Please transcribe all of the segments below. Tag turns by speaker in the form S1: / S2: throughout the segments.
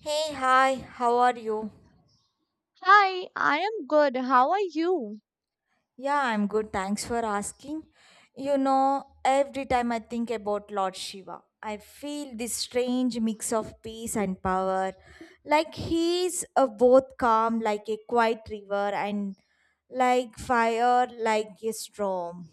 S1: Hey, hi, how are you?
S2: Hi, I am good. How are you?
S1: Yeah, I'm good. Thanks for asking. You know, every time I think about Lord Shiva, I feel this strange mix of peace and power. Like he's both calm, like a quiet river, and like fire, like a storm.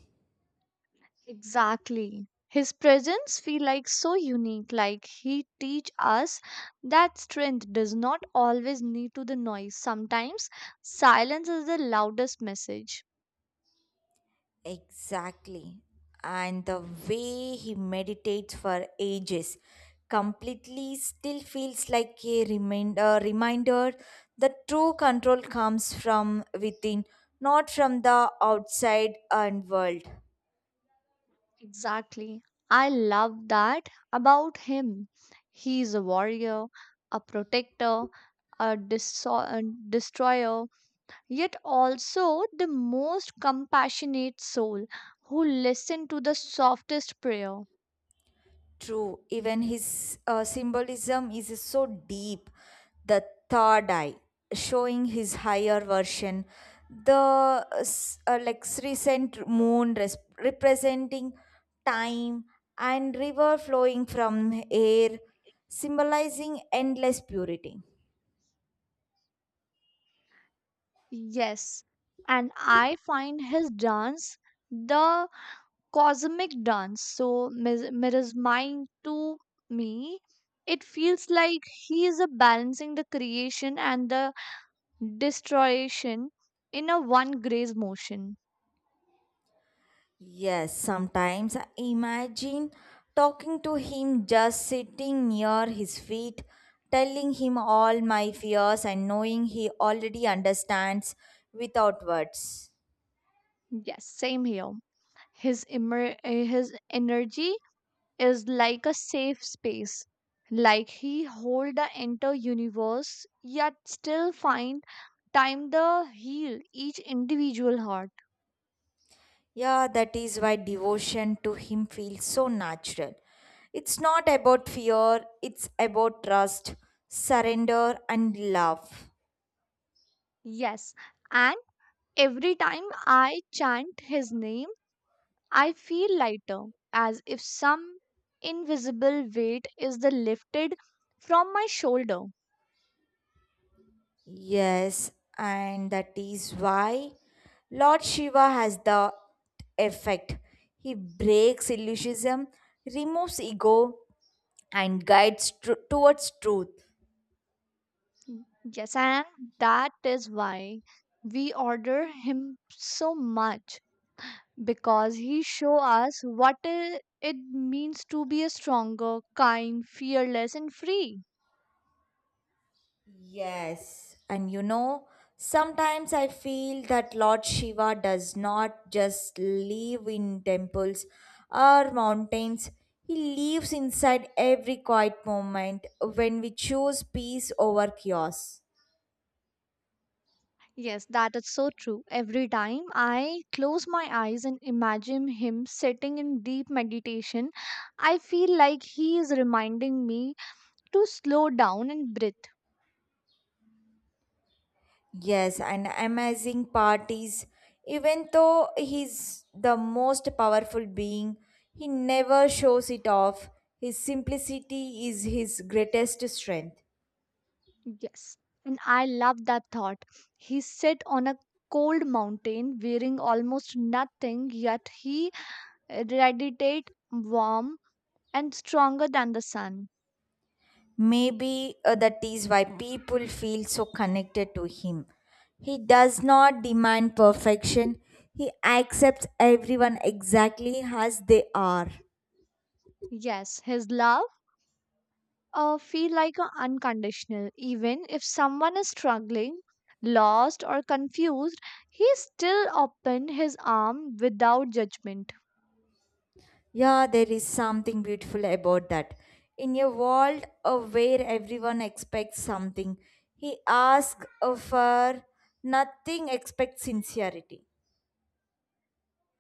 S2: Exactly. His presence feel like so unique, like he teach us that strength does not always need to the noise. Sometimes silence is the loudest message.
S1: Exactly. And the way he meditates for ages completely still feels like a reminder that true control comes from within, not from the outside and world.
S2: Exactly. I love that about him. He is a warrior, a protector, a destroyer, yet also the most compassionate soul who listened to the softest prayer.
S1: True, even his symbolism is so deep. The third eye, showing his higher version. Like recent representing time and river flowing from air, symbolizing endless purity.
S2: Yes, and I find his dance the cosmic dance so mirrors mine to me. It feels like he is a balancing the creation and the destruction in a one grace motion.
S1: Yes, sometimes I imagine talking to him just sitting near his feet, telling him all my fears and knowing he already understands without words.
S2: Yes, same here. His energy is like a safe space like he hold the entire universe yet still find time to heal each individual heart.
S1: Yeah, that is why devotion to him feels so natural. It's not about fear, it's about trust, surrender, and love.
S2: Yes, and every time I chant his name I feel lighter as if some invisible weight is the lifted from my shoulder.
S1: Yes, and that is why Lord Shiva has the effect. He breaks illusionism, removes ego, and guides towards truth.
S2: Yes, and that is why we order him so much because he show us it means to be a stronger, kind, fearless and free.
S1: Yes, and you know, sometimes I feel that Lord Shiva does not just live in temples or mountains, he lives inside every quiet moment when we choose peace over chaos.
S2: Yes, that is so true. Every time I close my eyes and imagine him sitting in deep meditation, I feel like he is reminding me to slow down and breathe.
S1: Yes, and amazing part is even though he's the most powerful being, he never shows it off. His simplicity is his greatest strength.
S2: Yes, and I love that thought. He sit on a cold mountain wearing almost nothing yet he radiate warm and stronger than the sun.
S1: Maybe that is why people feel so connected to him. He does not demand perfection, he accepts everyone exactly as they are.
S2: Yes, his love feel like a unconditional. Even if someone is struggling, lost or confused, he still opened his arm without judgment.
S1: Yeah, there is something beautiful about that. In a world of where everyone expects something, he asks for nothing except sincerity.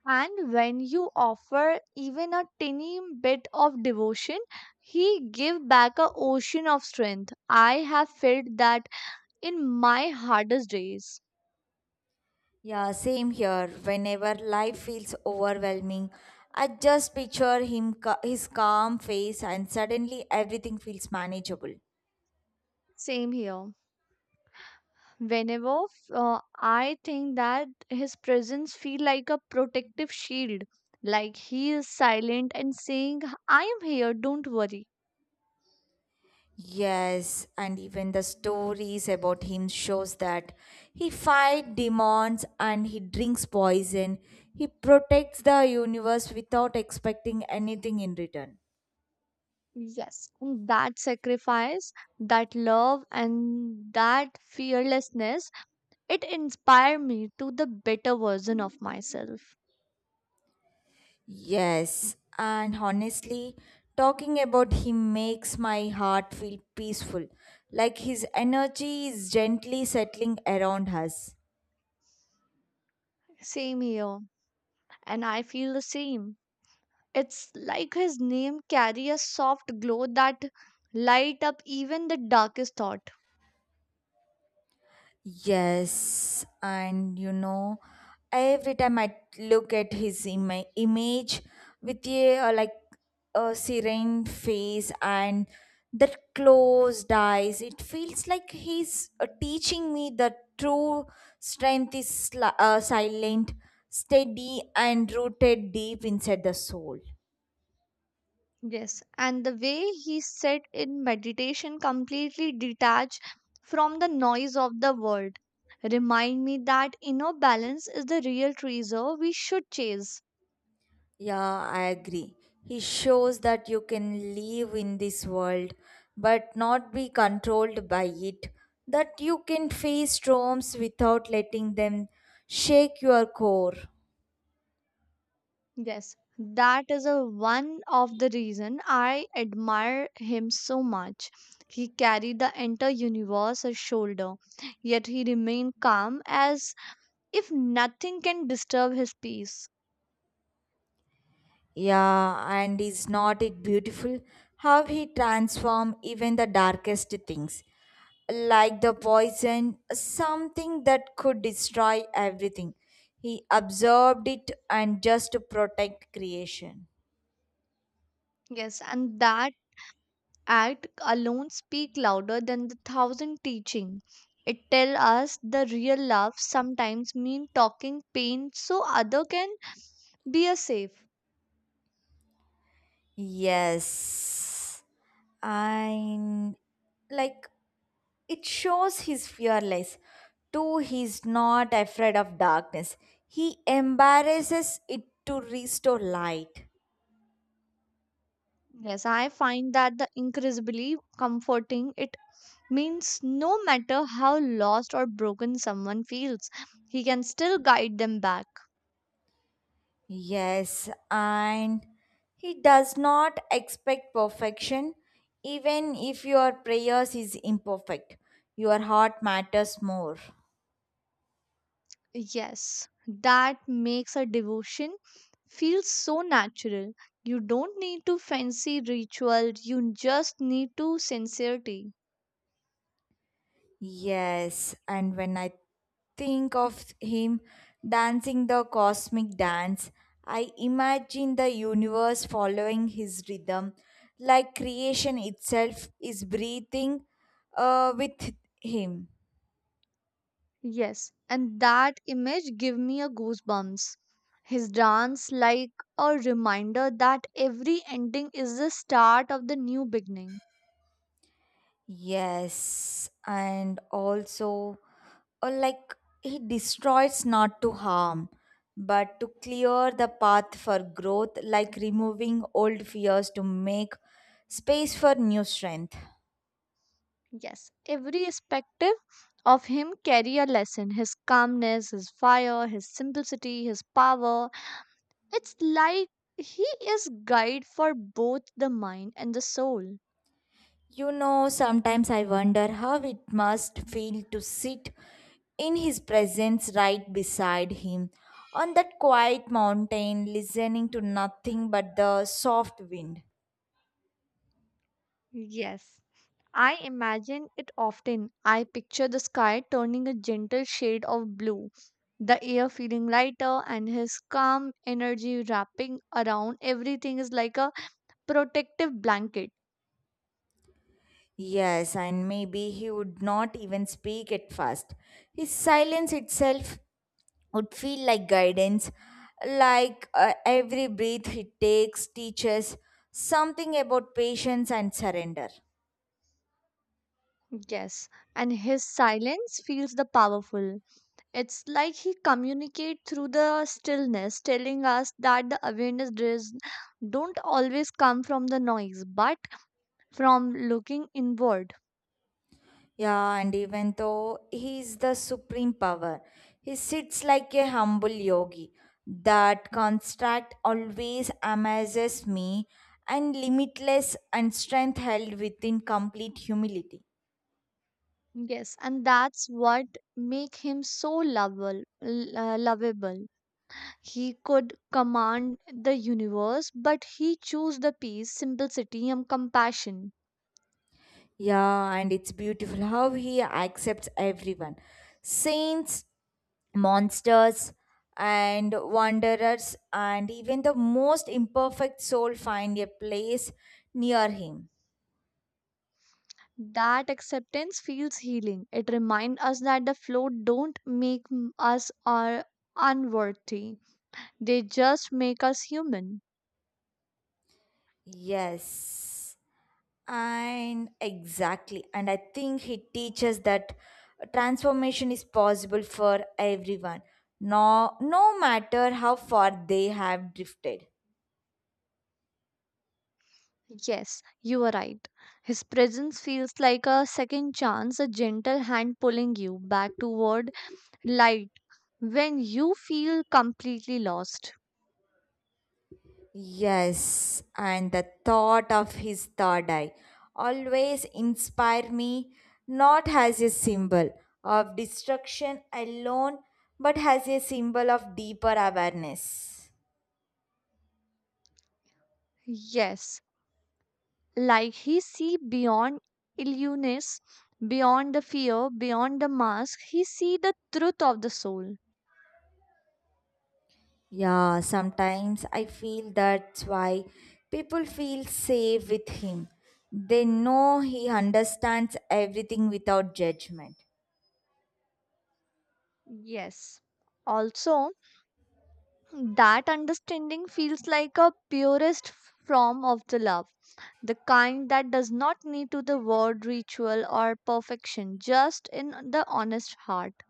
S2: And when you offer even a tiny bit of devotion, he give back a ocean of strength. I have felt that in my hardest days.
S1: Yeah, same here. Whenever life feels overwhelming, I just picture him his calm face and suddenly everything feels manageable.
S2: Same here. Whenever I think that his presence feel like a protective shield like he is silent and saying I am here, don't worry.
S1: Yes, and even the stories about him shows that he fight demons and he drinks poison. He protects the universe without expecting anything in return.
S2: Yes. And that sacrifice, that love and that fearlessness, it inspired me to the better version of myself.
S1: Yes, and honestly, talking about him makes my heart feel peaceful, like his energy is gently settling around us.
S2: Same here, and I feel the same. It's like his name carry a soft glow that light up even the darkest thought.
S1: Yes, and you know, every time I look at his image with a like a serene face and that closed eyes, it feels like he's teaching me that true strength is silent, steady, and rooted deep inside the soul.
S2: Yes, and the way he sat in meditation completely detached from the noise of the world remind me that inner balance is the real treasure we should chase.
S1: Yeah, I agree. He shows that you can live in this world but not be controlled by it, that you can face storms without letting them shake your core.
S2: Yes, that is a one of the reason I admire him so much. He carried the entire universe as shoulder, yet he remained calm as if nothing can disturb his peace.
S1: Yeah, and is not it beautiful how he transforms even the darkest things, like the poison, something that could destroy everything. He absorbed it and just to protect creation.
S2: Yes, and that act alone speak louder than the thousand teaching. It tell us the real love sometimes mean talking pain so other can be a safe.
S1: Yes. And like it shows he's fearless. Too, he's not afraid of darkness. He embarrasses it to restore light.
S2: Yes, I find that the incredibly comforting. It means no matter how lost or broken someone feels, he can still guide them back.
S1: Yes, and he does not expect perfection, even if your prayers is imperfect. Your heart matters more.
S2: Yes, that makes a devotion feel so natural. You don't need to fancy ritual, you just need to sincerity.
S1: Yes, and when I think of him dancing the cosmic dance, I imagine the universe following his rhythm, like creation itself is breathing with him.
S2: Yes, and that image give me a goosebumps. His dance like a reminder that every ending is the start of the new beginning.
S1: Yes, and also, uh, like he destroys not to harm, but to clear the path for growth, like removing old fears to make space for new strength.
S2: Yes, every aspective of him carry a lesson. His calmness, his fire, his simplicity, his power. It's like he is guide for both the mind and the soul.
S1: You know, sometimes I wonder how it must feel to sit in his presence right beside him on that quiet mountain, listening to nothing but the soft wind.
S2: Yes. I imagine it often. I picture the sky turning a gentle shade of blue, the air feeling lighter, and his calm energy wrapping around everything is like a protective blanket.
S1: Yes, and maybe he would not even speak at first. His silence itself would feel like guidance, like every breath he takes teaches something about patience and surrender.
S2: Yes, and his silence feels the powerful. It's like he communicates through the stillness, telling us that the awareness does don't always come from the noise, but from looking inward.
S1: Yeah, and even though he is the supreme power, he sits like a humble yogi. That construct always amazes me, and limitless and strength held within complete humility.
S2: Yes, and that's what make him so lovable. He could command the universe, but he chose the peace, simplicity, and compassion.
S1: Yeah, and it's beautiful how he accepts everyone saints, monsters, and wanderers, and even the most imperfect soul find a place near him.
S2: That acceptance feels healing. It reminds us that the flow don't make us are unworthy. They just make us human.
S1: Yes. And exactly. And I think he teaches that transformation is possible for everyone, no matter how far they have drifted.
S2: Yes, you are right. His presence feels like a second chance, a gentle hand pulling you back toward light, when you feel completely lost.
S1: Yes, and the thought of his third eye always inspire me not as a symbol of destruction alone, but as a symbol of deeper awareness.
S2: Yes, like he see beyond illness, beyond the fear, beyond the mask, he see the truth of the soul.
S1: Yeah, sometimes I feel that's why people feel safe with him. They know he understands everything without judgment.
S2: Yes. Also, that understanding feels like a purest form of the love, the kind that does not need to the word ritual or perfection, just in the honest heart.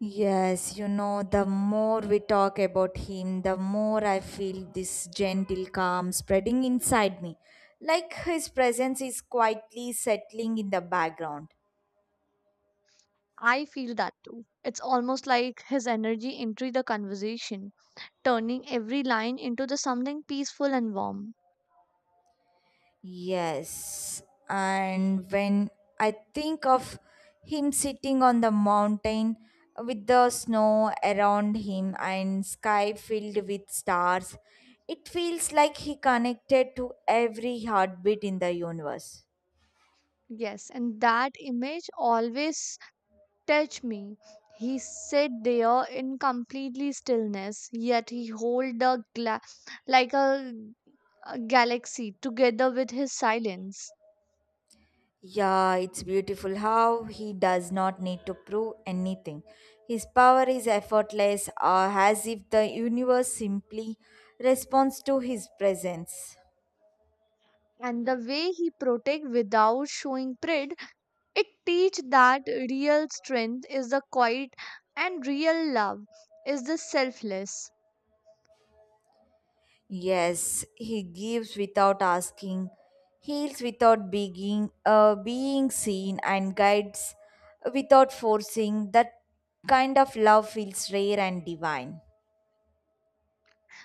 S1: Yes, you know, the more we talk about him, the more I feel this gentle calm spreading inside me, like his presence is quietly settling in the background.
S2: I feel that too. It's almost like his energy entered the conversation, turning every line into the something peaceful and warm.
S1: Yes. And when I think of him sitting on the mountain with the snow around him and sky filled with stars, it feels like he connected to every heartbeat in the universe.
S2: Yes, and that image always touched me. He sit there in completely stillness, yet he hold the gla- like a galaxy together with his silence.
S1: Yeah, it's beautiful how he does not need to prove anything. His power is effortless, as if the universe simply responds to his presence.
S2: And the way he protect without showing pride, it teach that real strength is the quiet and real love is the selfless.
S1: Yes, he gives without asking, heals without begging, being seen, and guides without forcing. That kind of love feels rare and divine.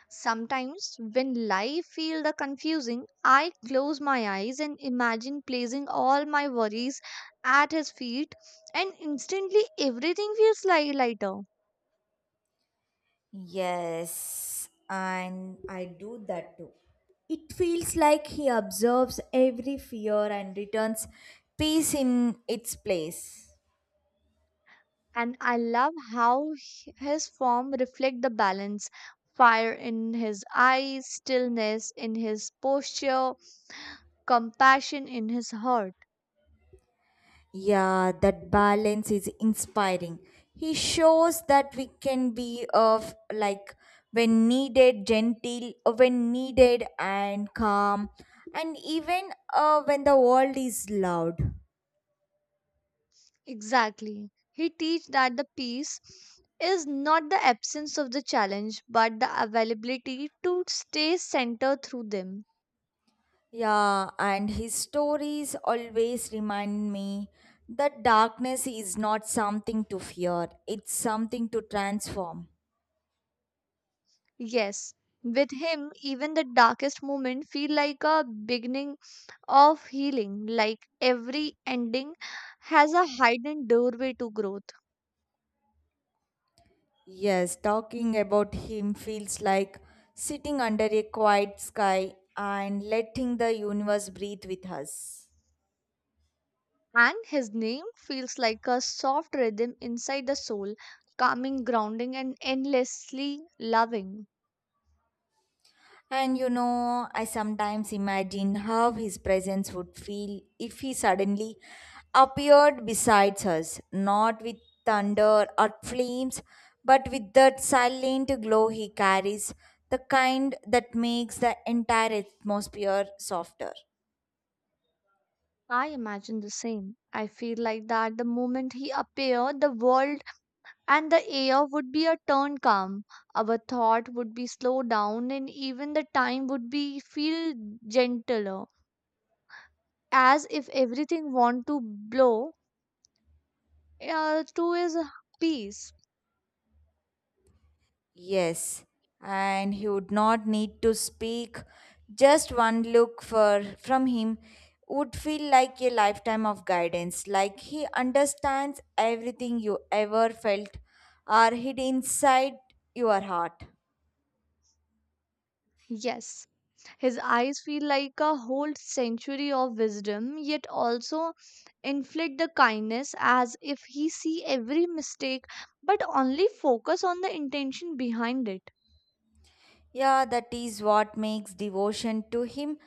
S2: Sometimes when life feel the confusing, I close my eyes and imagine placing all my worries at his feet and instantly everything feels lighter.
S1: Yes, and I do that too. It feels like he observes every fear and returns peace in its place.
S2: And I love how his form reflect the balance, fire in his eyes, stillness in his posture, compassion in his heart.
S1: Yeah, that balance is inspiring. He shows that we can be of like when needed gentle, when needed and calm, and even when the world is loud.
S2: Exactly. He teach that the peace is not the absence of the challenge but the availability to stay centered through them.
S1: Yeah, and his stories always remind me that darkness is not something to fear, it's something to transform.
S2: Yes. With him, even the darkest moment feel like a beginning of healing, like every ending has a hidden doorway to growth.
S1: Yes, talking about him feels like sitting under a quiet sky and letting the universe breathe with us.
S2: And his name feels like a soft rhythm inside the soul, calming, grounding, and endlessly loving.
S1: And you know, I sometimes imagine how his presence would feel if he suddenly appeared beside us, not with thunder or flames, but with that silent glow he carries, the kind that makes the entire atmosphere softer.
S2: I imagine the same. I feel like that the moment he appeared, the world and the air would be a turn calm. Our thought would be slowed down, and even the time would be feel gentler, as if everything want to blow to his peace.
S1: Yes, and he would not need to speak. Just one look for from him would feel like a lifetime of guidance, like he understands everything you ever felt or hid inside your heart.
S2: Yes, his eyes feel like a whole century of wisdom, yet also inflict the kindness as if he see every mistake but only focus on the intention behind it.
S1: Yeah, that is what makes devotion to him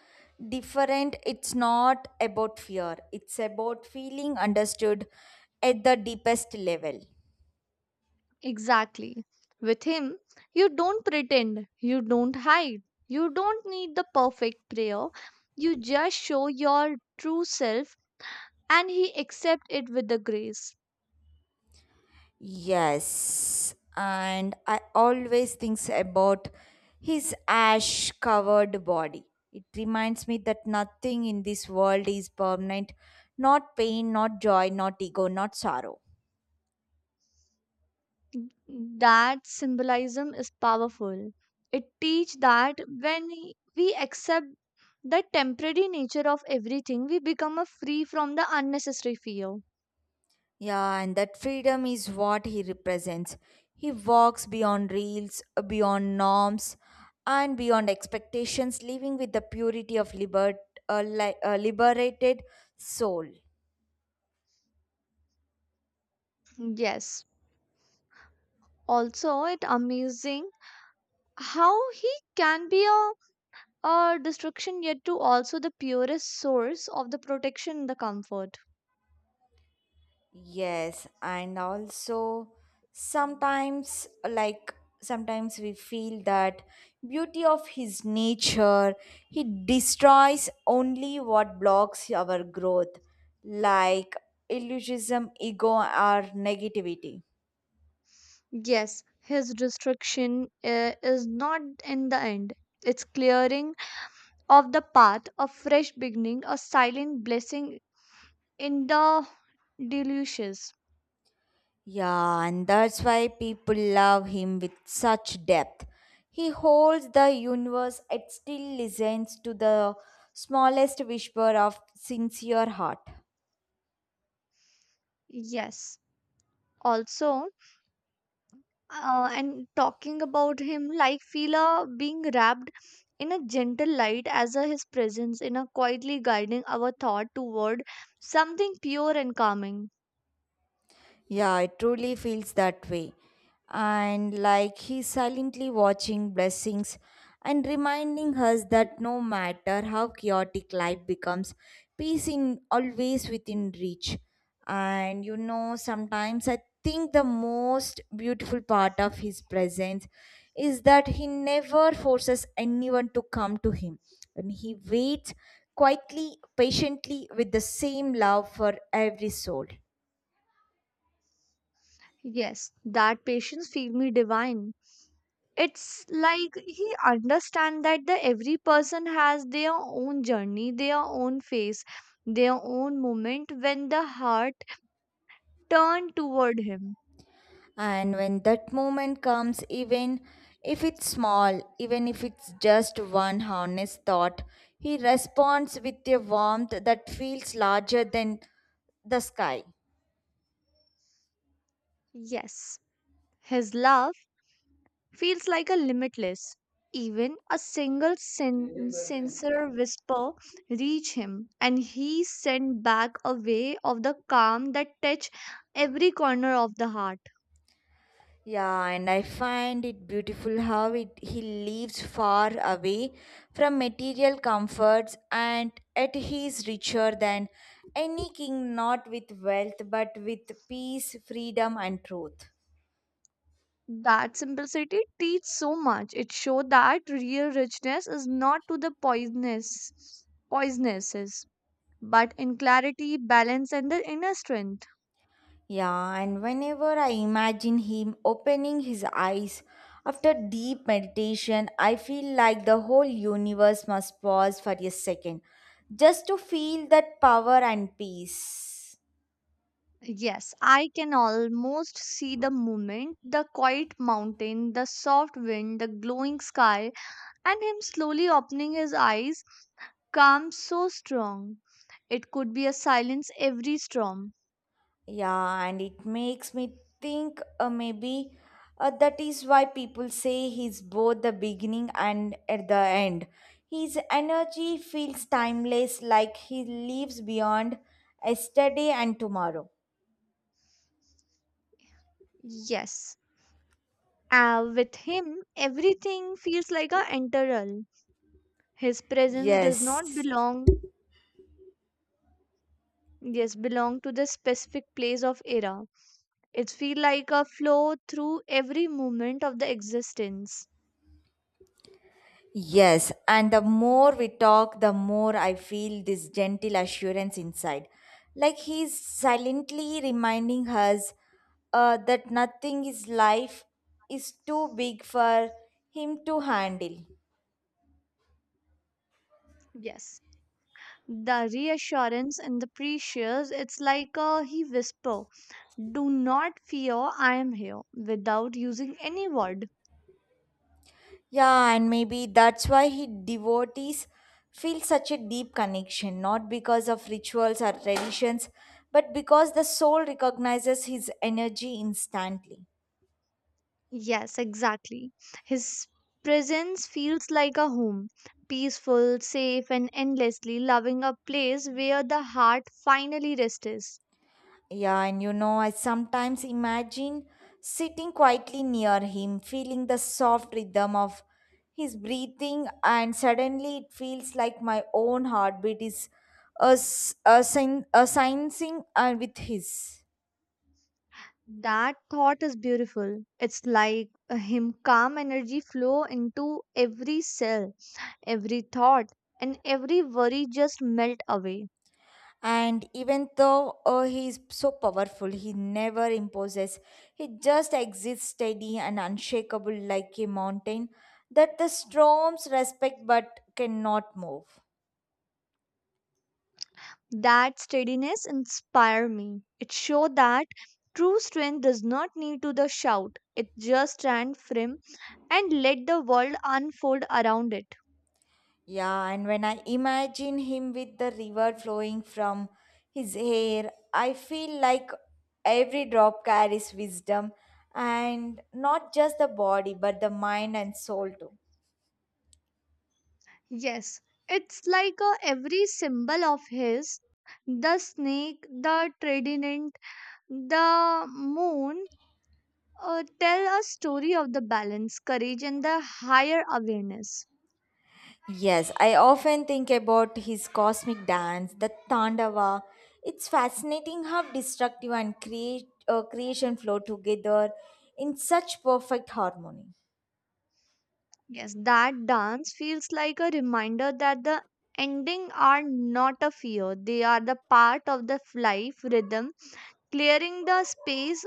S1: different. It's not about fear, it's about feeling understood at the deepest level.
S2: Exactly. With him, you don't pretend, you don't hide, you don't need the perfect prayer. You just show your true self and he accept it with the grace.
S1: Yes, and I always think about his ash covered body. It reminds me that nothing in this world is permanent not pain, not joy, not ego, not sorrow.
S2: That symbolism is powerful. It teaches that when we accept the temporary nature of everything, we become a free from the unnecessary fear.
S1: Yeah, and that freedom is what he represents. He walks beyond reels, beyond norms, and beyond expectations, living with the purity of liberated soul.
S2: Yes. Also, it amazing how he can be a destruction yet to also the purest source of the protection and the comfort.
S1: Yes, and also sometimes, sometimes we feel that beauty of his nature, he destroys only what blocks our growth, like illusionism, ego, or negativity.
S2: Yes, his destruction is not in the end. It's clearing of the path a fresh beginning, a silent blessing in the deluges.
S1: Yeah, and that's why people love him with such depth. He holds the universe yet still listens to the smallest whisper of sincere heart.
S2: Yes. Also, and talking about him, like Fila being wrapped in a gentle light as a, his presence in a quietly guiding our thought toward something pure and calming.
S1: Yeah, it truly feels that way. And like he's silently watching blessings and reminding us that no matter how chaotic life becomes, peace in always within reach. And you know, sometimes I think the most beautiful part of his presence is that he never forces anyone to come to him. And he waits quietly, patiently with the same love for every soul.
S2: Yes, that patience feel me divine. It's like he understand that the every person has their own journey, their own face, their own moment when the heart turned toward him.
S1: And when that moment comes, even if it's small, even if it's just one honest thought, he responds with a warmth that feels larger than the sky.
S2: Yes, his love feels like a limitless. Even a single sincere whisper reach him, and he sent back a way of the calm that touch every corner of the heart.
S1: Yeah, and I find it beautiful how it, he lives far away from material comforts and yet he is richer than any king, not with wealth but with peace, freedom, and truth.
S2: That simplicity teach so much. It show that real richness is not to the poisonous poisonesses, but in clarity, balance, and the inner strength.
S1: Yeah, and whenever I imagine him opening his eyes after deep meditation, I feel like the whole universe must pause for a second just to feel that power and peace.
S2: Yes, I can almost see the movement, the quiet mountain, the soft wind, the glowing sky, and him slowly opening his eyes, calm so strong. It could be a silence every storm.
S1: Yeah, and it makes me think maybe that is why people say he's both the beginning and at the end. His energy feels timeless, like he lives beyond yesterday and tomorrow.
S2: Yes. With him, everything feels like a enteral. His presence does not
S1: Yes.
S2: belong, yes, belong to the specific place of era. It feel like a flow through every moment of the existence.
S1: Yes, and the more we talk, the more I feel this gentle assurance inside. Like he's silently reminding us that nothing is life is too big for him to handle.
S2: Yes. The reassurance and the precious, it's like a he whisper, do not fear, I am here, without using any word.
S1: Yeah, and maybe that's why he devotees feel such a deep connection, not because of rituals or traditions, but because the soul recognizes his energy instantly.
S2: Yes, exactly. His presence feels like a home, peaceful, safe, and endlessly loving, a place where the heart finally rests.
S1: Yeah, and you know, I sometimes imagine sitting quietly near him, feeling the soft rhythm of his breathing, and suddenly it feels like my own heartbeat is a, sensing syncing with his.
S2: That thought is beautiful. It's like a him calm energy flow into every cell, every thought, and every worry just melt away.
S1: And even though he is so powerful, he never imposes. He just exists steady and unshakable like a mountain that the storms respect but cannot move.
S2: That steadiness inspire me. It show that true strength does not need to the shout. It just stand firm and let the world unfold around it.
S1: Yeah, and when I imagine him with the river flowing from his hair, I feel like every drop carries wisdom and not just the body but the mind and soul too.
S2: Yes, it's like a every symbol of his, the snake, the trident, the moon, tell a story of the balance, courage, and the higher awareness.
S1: Yes, I often think about his cosmic dance, the Tandava. It's fascinating how destructive and creation flow together in such perfect harmony.
S2: Yes, that dance feels like a reminder that the ending are not a fear, they are the part of the life rhythm, clearing the space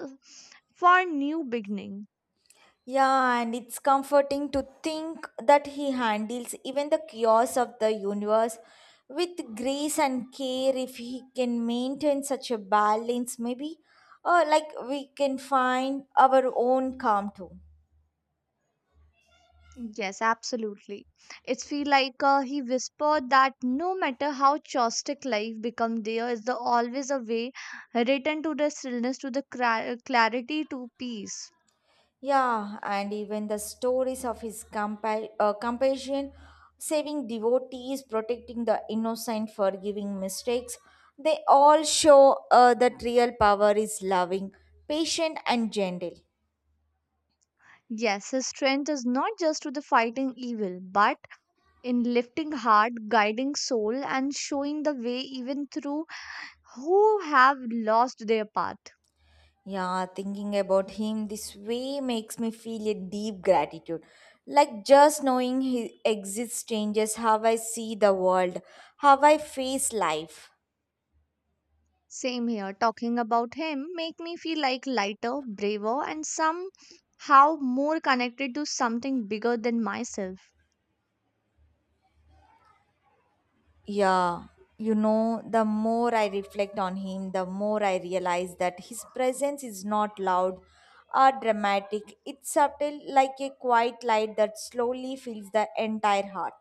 S2: for new beginning.
S1: Yeah, and it's comforting to think that he handles even the chaos of the universe with grace and care if he can maintain such a balance, maybe. Or like we can find our own calm too.
S2: Yes, absolutely. It's feel like he whispered that no matter how chaotic life become, there is the always a way, return to the stillness, to the clarity, to peace.
S1: Yeah, and even the stories of his compassion, saving devotees, protecting the innocent, forgiving mistakes, they all show that real power is loving, patient, and gentle.
S2: Yes, his strength is not just to the fighting evil, but in lifting heart, guiding soul, and showing the way even through who have lost their path.
S1: Yeah, thinking about him this way makes me feel a deep gratitude. Like just knowing he exists changes how I see the world, how I face life.
S2: Same here, talking about him make me feel like lighter, braver, and somehow more connected to something bigger than myself.
S1: Yeah, you know, the more I reflect on him, the more I realize that his presence is not loud or dramatic. It's subtle, like a quiet light that slowly fills the entire heart.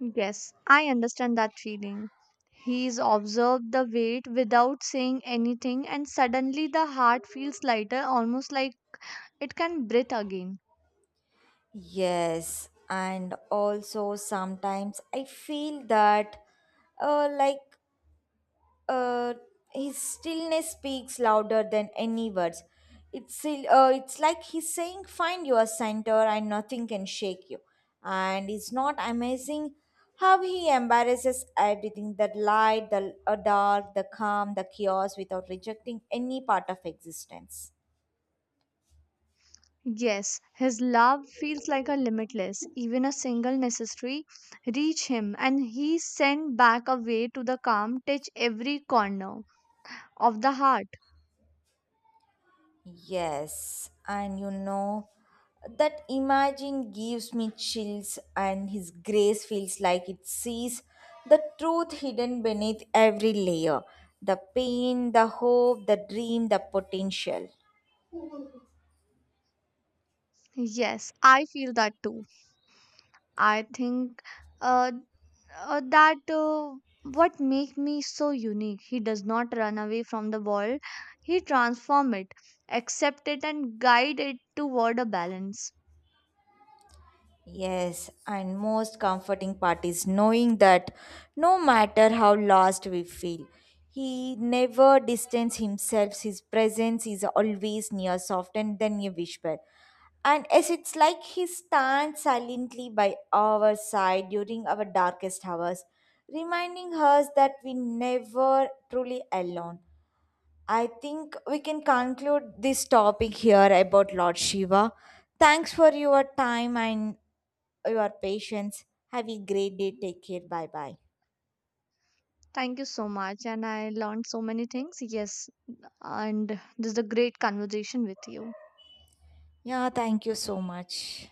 S2: Yes, I understand that feeling. He's observed the weight without saying anything, and suddenly the heart feels lighter, almost like it can breathe again.
S1: Yes, and also sometimes I feel that uh, like uh, his stillness speaks louder than any words. It's it's like he's saying, "Find your center, and nothing can shake you." And it's not amazing how he embarrasses everything: the light, the dark, the calm, the chaos, without rejecting any part of existence.
S2: Yes, his love feels like a limitless. Even a single necessary reach him, and he sent back a way to the calm, touch every corner of the heart.
S1: Yes, and you know, that imagine gives me chills, and his grace feels like it sees the truth hidden beneath every layer the pain, the hope, the dream, the potential.
S2: Yes, I feel that too. I think uh, that what make me so unique. He does not run away from the world. He transform it, accept it, and guide it toward a balance.
S1: Yes, and most comforting part is knowing that no matter how lost we feel, he never distanced himself. His presence is always near, soft, and then a whisper. And as it's like he stands silently by our side during our darkest hours, reminding us that we never truly alone. I think we can conclude this topic here about Lord Shiva. Thanks for your time and your patience. Have a great day. Take care. Bye bye.
S2: Thank you so much. And I learned so many things. Yes. And this is a great conversation with you.
S1: Yeah, thank you so much.